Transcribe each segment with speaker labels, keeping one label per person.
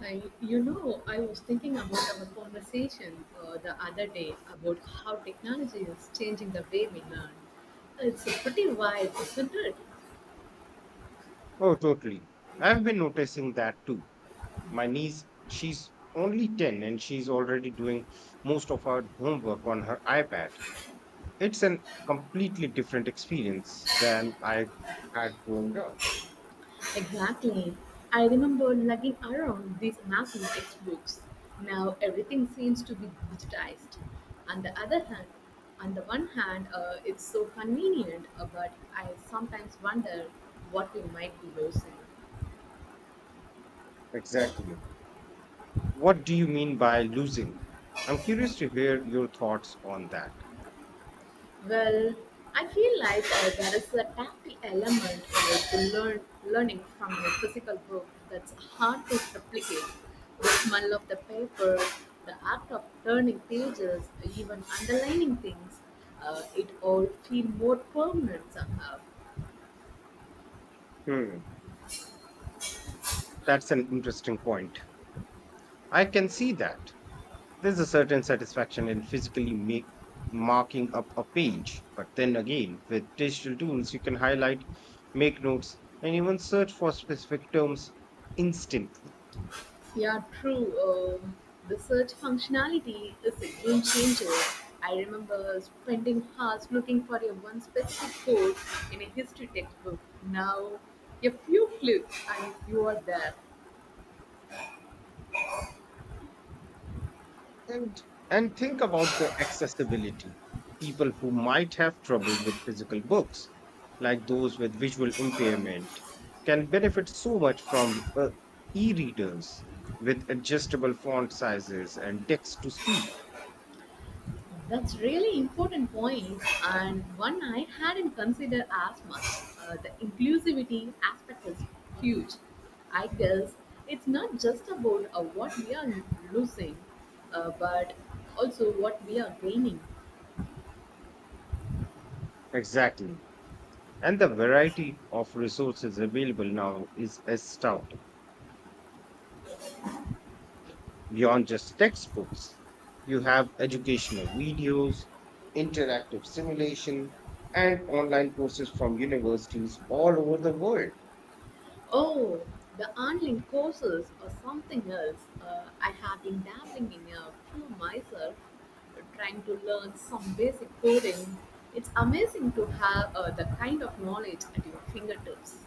Speaker 1: Hi, you know, I was thinking about our conversation the other day about how technology is changing the way we learn. It's pretty wild, isn't it?
Speaker 2: Oh, totally. I've been noticing that too. My niece, she's only 10 and she's already doing most of her homework on her iPad. It's a completely different experience than I had growing up.
Speaker 1: Exactly. I remember lugging around these mapping textbooks. Now everything seems to be digitized. On the other hand, on the one hand, it's so convenient, but I sometimes wonder what we might be losing.
Speaker 2: Exactly. What do you mean by losing? I'm curious to hear your thoughts on that.
Speaker 1: Well, I feel like there is a tactile element to learning from a physical book that's hard to replicate. The smell of the paper, the act of turning pages, even underlining things, it all feel more permanent somehow.
Speaker 2: Hmm. That's an interesting point. I can see that. There's a certain satisfaction in physically marking up a page, but then again, with digital tools, you can highlight, make notes, and even search for specific terms instantly.
Speaker 1: Yeah, true. The search functionality is a game changer. I remember spending hours looking for a one specific quote in a history textbook. Now, a few clicks and you are there.
Speaker 2: And and think about the accessibility. People who might have trouble with physical books, like those with visual impairment, can benefit so much from e-readers with adjustable font sizes and text to speech.
Speaker 1: That's really important point, and one I hadn't considered as much. The inclusivity aspect is huge. I guess it's not just about what we are losing, but also what we are gaining.
Speaker 2: Exactly. And the variety of resources available now is astounding. Beyond just textbooks, you have educational videos, interactive simulation, and online courses from universities all over the world.
Speaker 1: Oh, the online courses or something else. I have been dabbling in a few myself, trying to learn some basic coding. It's amazing to have the kind of knowledge at your fingertips.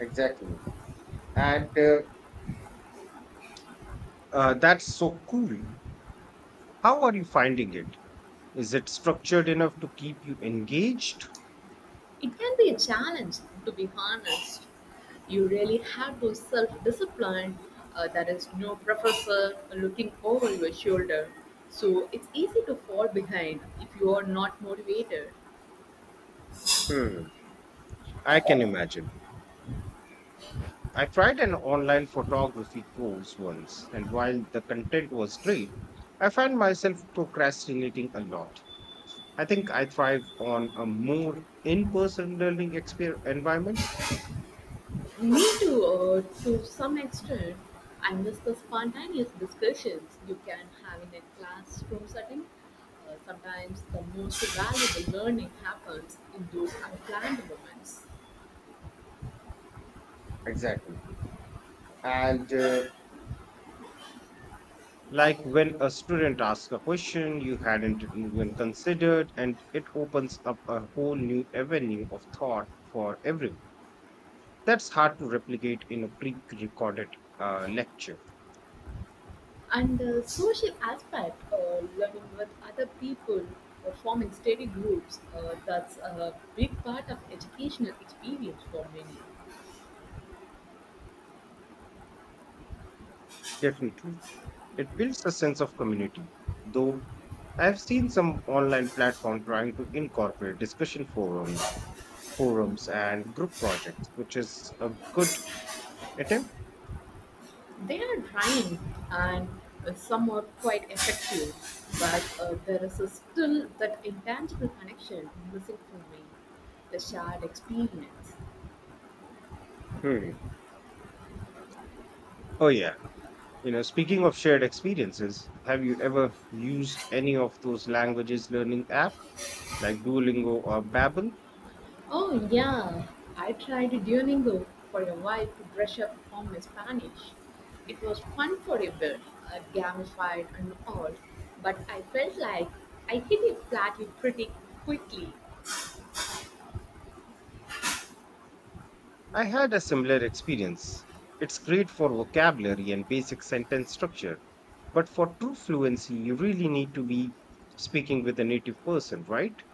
Speaker 2: Exactly. And That's so cool. How are you finding it? Is it structured enough to keep you engaged?
Speaker 1: It can be a challenge, to be honest. You really have to self discipline. There is no professor looking over your shoulder. So it's easy to fall behind if you are not motivated.
Speaker 2: Hmm, I can imagine. I tried an online photography course once, and while the content was great, I found myself procrastinating a lot. I think I thrive on a more in person learning environment.
Speaker 1: Me too, to some extent. I miss the spontaneous discussions you can have in a classroom setting. Sometimes the most valuable learning happens in those unplanned moments.
Speaker 2: Exactly. And, like when a student asks a question you hadn't even considered, and it opens up a whole new avenue of thought for everyone. That's hard to replicate in a pre recorded lecture.
Speaker 1: And the social aspect, learning with other people or forming study groups, that's a big part of educational experience for many.
Speaker 2: Definitely. It builds a sense of community, though I've seen some online platform trying to incorporate discussion forums, forums and group projects, which is a good attempt.
Speaker 1: They are trying, and some are quite effective, but there is a still that intangible connection missing for me the shared experience.
Speaker 2: Hmm. Oh yeah. You know, speaking of shared experiences, have you ever used any of those languages learning app like Duolingo or Babbel?
Speaker 1: Oh, yeah, I tried Duolingo for a while to brush up on my Spanish. It was fun for a bit, gamified and all, but I felt like I hit a plateau pretty quickly.
Speaker 2: I had a similar experience. It's great for vocabulary and basic sentence structure, but for true fluency, you really need to be speaking with a native person, right?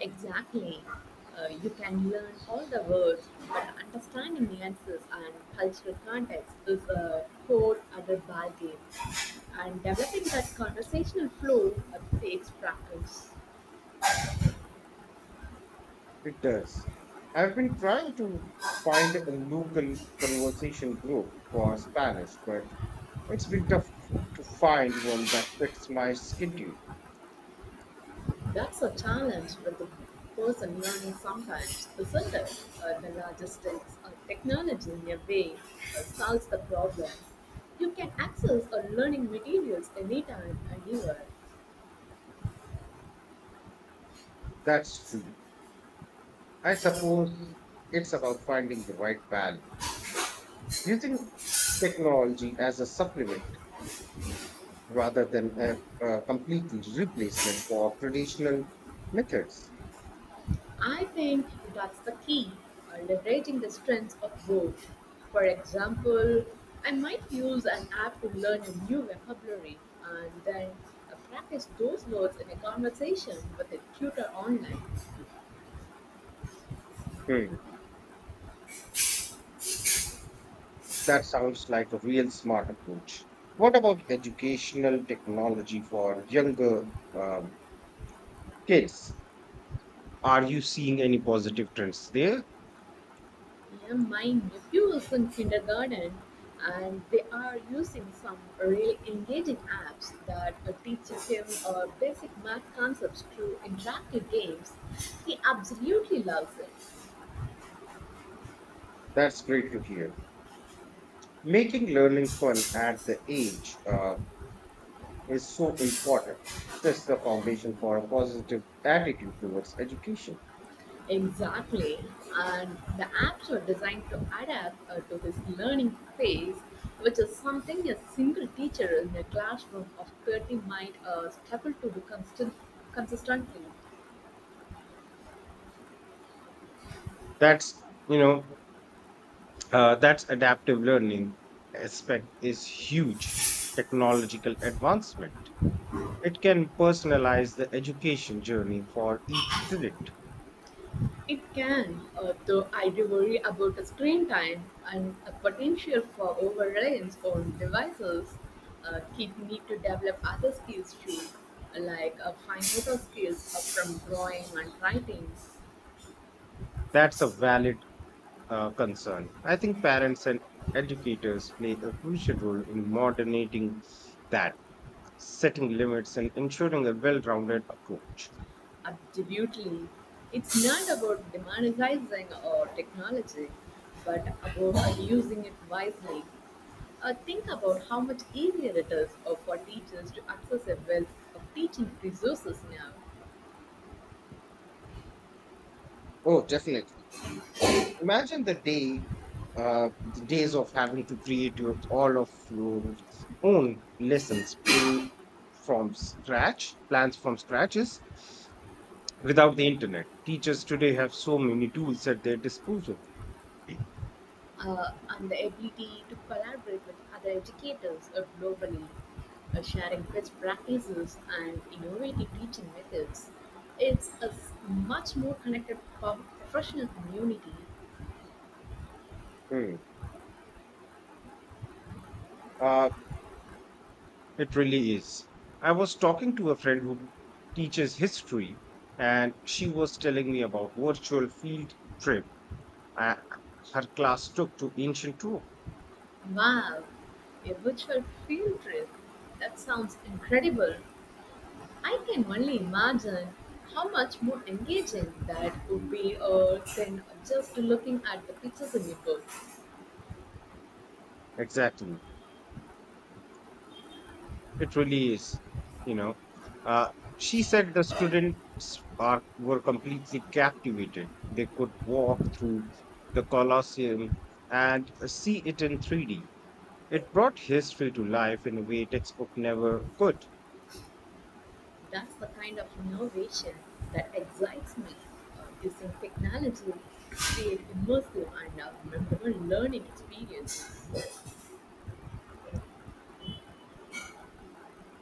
Speaker 1: Exactly. You can learn all the words, but understanding nuances and cultural context is a whole other ballgame. And developing that conversational flow takes practice.
Speaker 2: It does. I've been trying to find a local conversation group for Spanish, but it's been tough to find one that fits my schedule.
Speaker 1: That's a challenge with the person learning sometimes, isn't it? The logistics or technology in a way solves the problem. You can access or learning materials anytime, anywhere.
Speaker 2: That's true. I suppose it's about finding the right balance, using technology as a supplement rather than a complete replacement for traditional methods.
Speaker 1: I think that's the key, leveraging the strengths of both. For example, I might use an app to learn a new vocabulary and then practice those words in a conversation with a tutor online.
Speaker 2: Hmm. That sounds like a real smart approach. What about educational technology for younger kids? Are you seeing any positive trends there?
Speaker 1: Yeah, my nephew is in kindergarten and they are using some really engaging apps that teaches him basic math concepts through interactive games. He absolutely loves it.
Speaker 2: That's great to hear. Making learning fun at the age is so important. Sets the foundation for a positive attitude towards education.
Speaker 1: Exactly. And the apps were designed to adapt to his learning pace, which is something a single teacher in a classroom of 30 might struggle to do consistently.
Speaker 2: That's you know that's adaptive learning aspect is huge technological advancement. It can personalize the education journey for each student.
Speaker 1: It can, though I do worry about the screen time and a potential for overreliance on devices. Kids need to develop other skills too, like fine motor skills from drawing and writing.
Speaker 2: That's a valid concern. I think parents and educators play a crucial role in moderating that, setting limits, and ensuring a well rounded approach.
Speaker 1: Absolutely. It's not about demonetizing or technology, but about using it wisely. Think about how much easier it is for teachers to access a wealth of teaching resources now,
Speaker 2: Oh, definitely. Imagine the day, the days of having to create your all of your own lessons, plans from scratches, without the internet. Teachers today have so many tools at their disposal.
Speaker 1: and the ability to collaborate with other educators globally, sharing best practices and innovative teaching methods. Much more connected professional community.
Speaker 2: Hmm. Uh, it really is. I was talking to a friend who teaches history, and she was telling me about virtual field trip uh, her class took to ancient Rome.
Speaker 1: Wow, a virtual field trip. That sounds incredible. I can only imagine how much more engaging that would be than just looking at the pictures in a book.
Speaker 2: Exactly. It really is, you know. Uh, she said the were completely captivated. They could walk through the Colosseum and see it in 3D. It brought history to life in a way textbook never could.
Speaker 1: That's the kind of innovation that excites me. Using technology to create immersive and memorable learning experiences.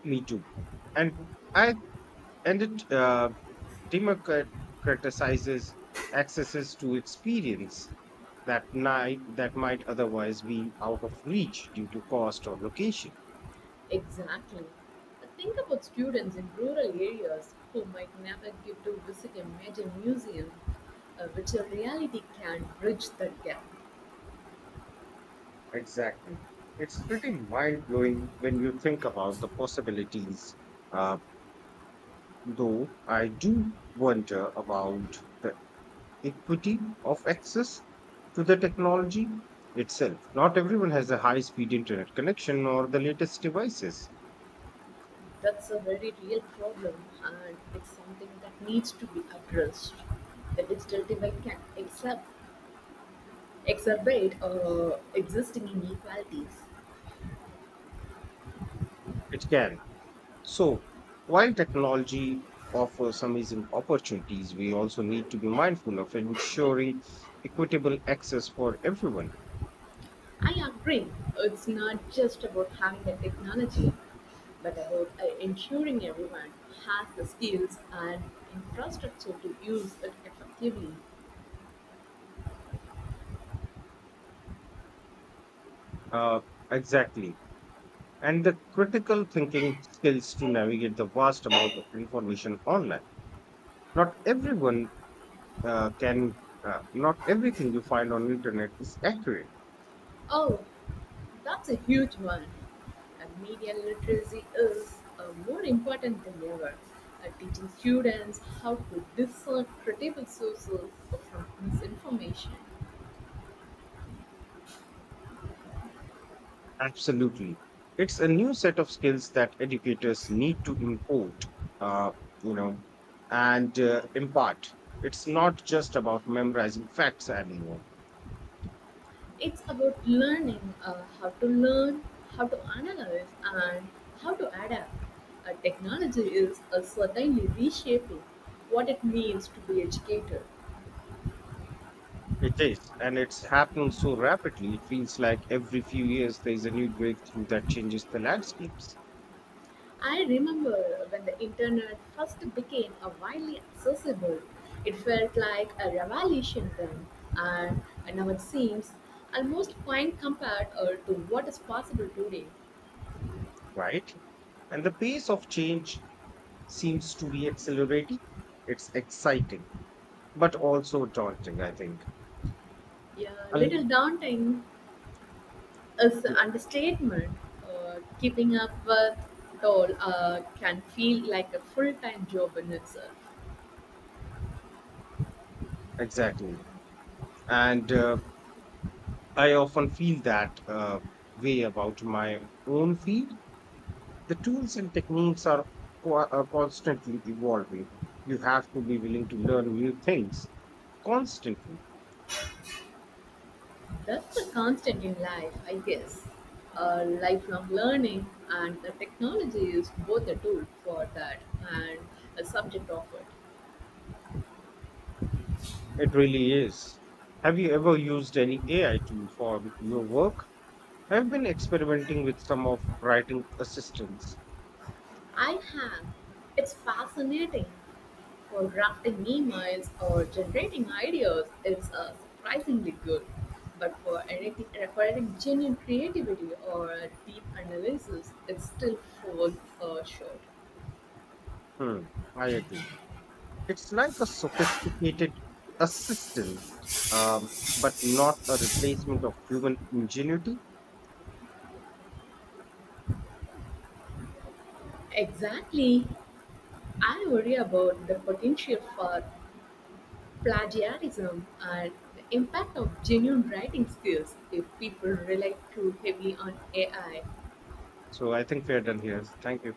Speaker 2: Me too. And I and it democratizes accesses to experience that night that might otherwise be out of reach due to cost or location.
Speaker 1: Exactly. Think about students in rural areas who might never get to visit a major museum, which a reality can bridge that gap.
Speaker 2: Exactly. It's pretty mind blowing when you think about the possibilities. Uh, though I do wonder about the equity of access to the technology itself. Not everyone has a high speed internet connection or the latest devices.
Speaker 1: That's a very real problem, and it's something that needs to be addressed. The digital divide can exacerbate existing inequalities.
Speaker 2: It can. So, while technology offers amazing opportunities, we also need to be mindful of ensuring equitable access for everyone.
Speaker 1: I agree. It's not just about having the technology, but about ensuring everyone has the skills and infrastructure to use it effectively.
Speaker 2: Uh, exactly, and the critical thinking skills to navigate the vast amount of information online. Not everyone can, Not everything you find on internet is accurate.
Speaker 1: Oh, that's a huge one. And media literacy is more important than ever. Teaching students how to discern credible sources from misinformation.
Speaker 2: Absolutely, it's a new set of skills that educators need to import, uh, you know, and impart. It's not just about memorizing facts anymore.
Speaker 1: It's about learning how to learn, how to analyze, and how to adapt. Technology is certainly reshaping what it means to be educated.
Speaker 2: It is, and it's happening so rapidly. It feels like every few years there's a new breakthrough that changes the landscapes,
Speaker 1: I remember when the internet first became widely accessible, it felt like a revolution then, and now it seems almost quite compared to what is possible today.
Speaker 2: right? And the pace of change seems to be accelerating. It's exciting, but also daunting, I think.
Speaker 1: Yeah, little
Speaker 2: Un-
Speaker 1: daunting, is
Speaker 2: yeah,
Speaker 1: understatement. Keeping up with it all can feel like a full-time job in itself.
Speaker 2: exactly. And, I often feel that way about my own field. The tools and techniques are constantly evolving. You have to be willing to learn new things constantly.
Speaker 1: That's a constant in life, I guess. Lifelong learning and the technology is both a tool for that and a subject of it.
Speaker 2: It really is. Have you ever used any AI tool for your work? I've been experimenting with some of writing assistants.
Speaker 1: I have. It's fascinating. For drafting emails or generating ideas, it's surprisingly good. But for anything requiring genuine creativity or deep analysis, it still falls short.
Speaker 2: Hmm, I agree. It's like a sophisticated assistant, but not a replacement of human ingenuity.
Speaker 1: Exactly. I worry about the potential for plagiarism and the impact of genuine writing skills if people rely too heavily on AI.
Speaker 2: So I think we are done here. Thank you.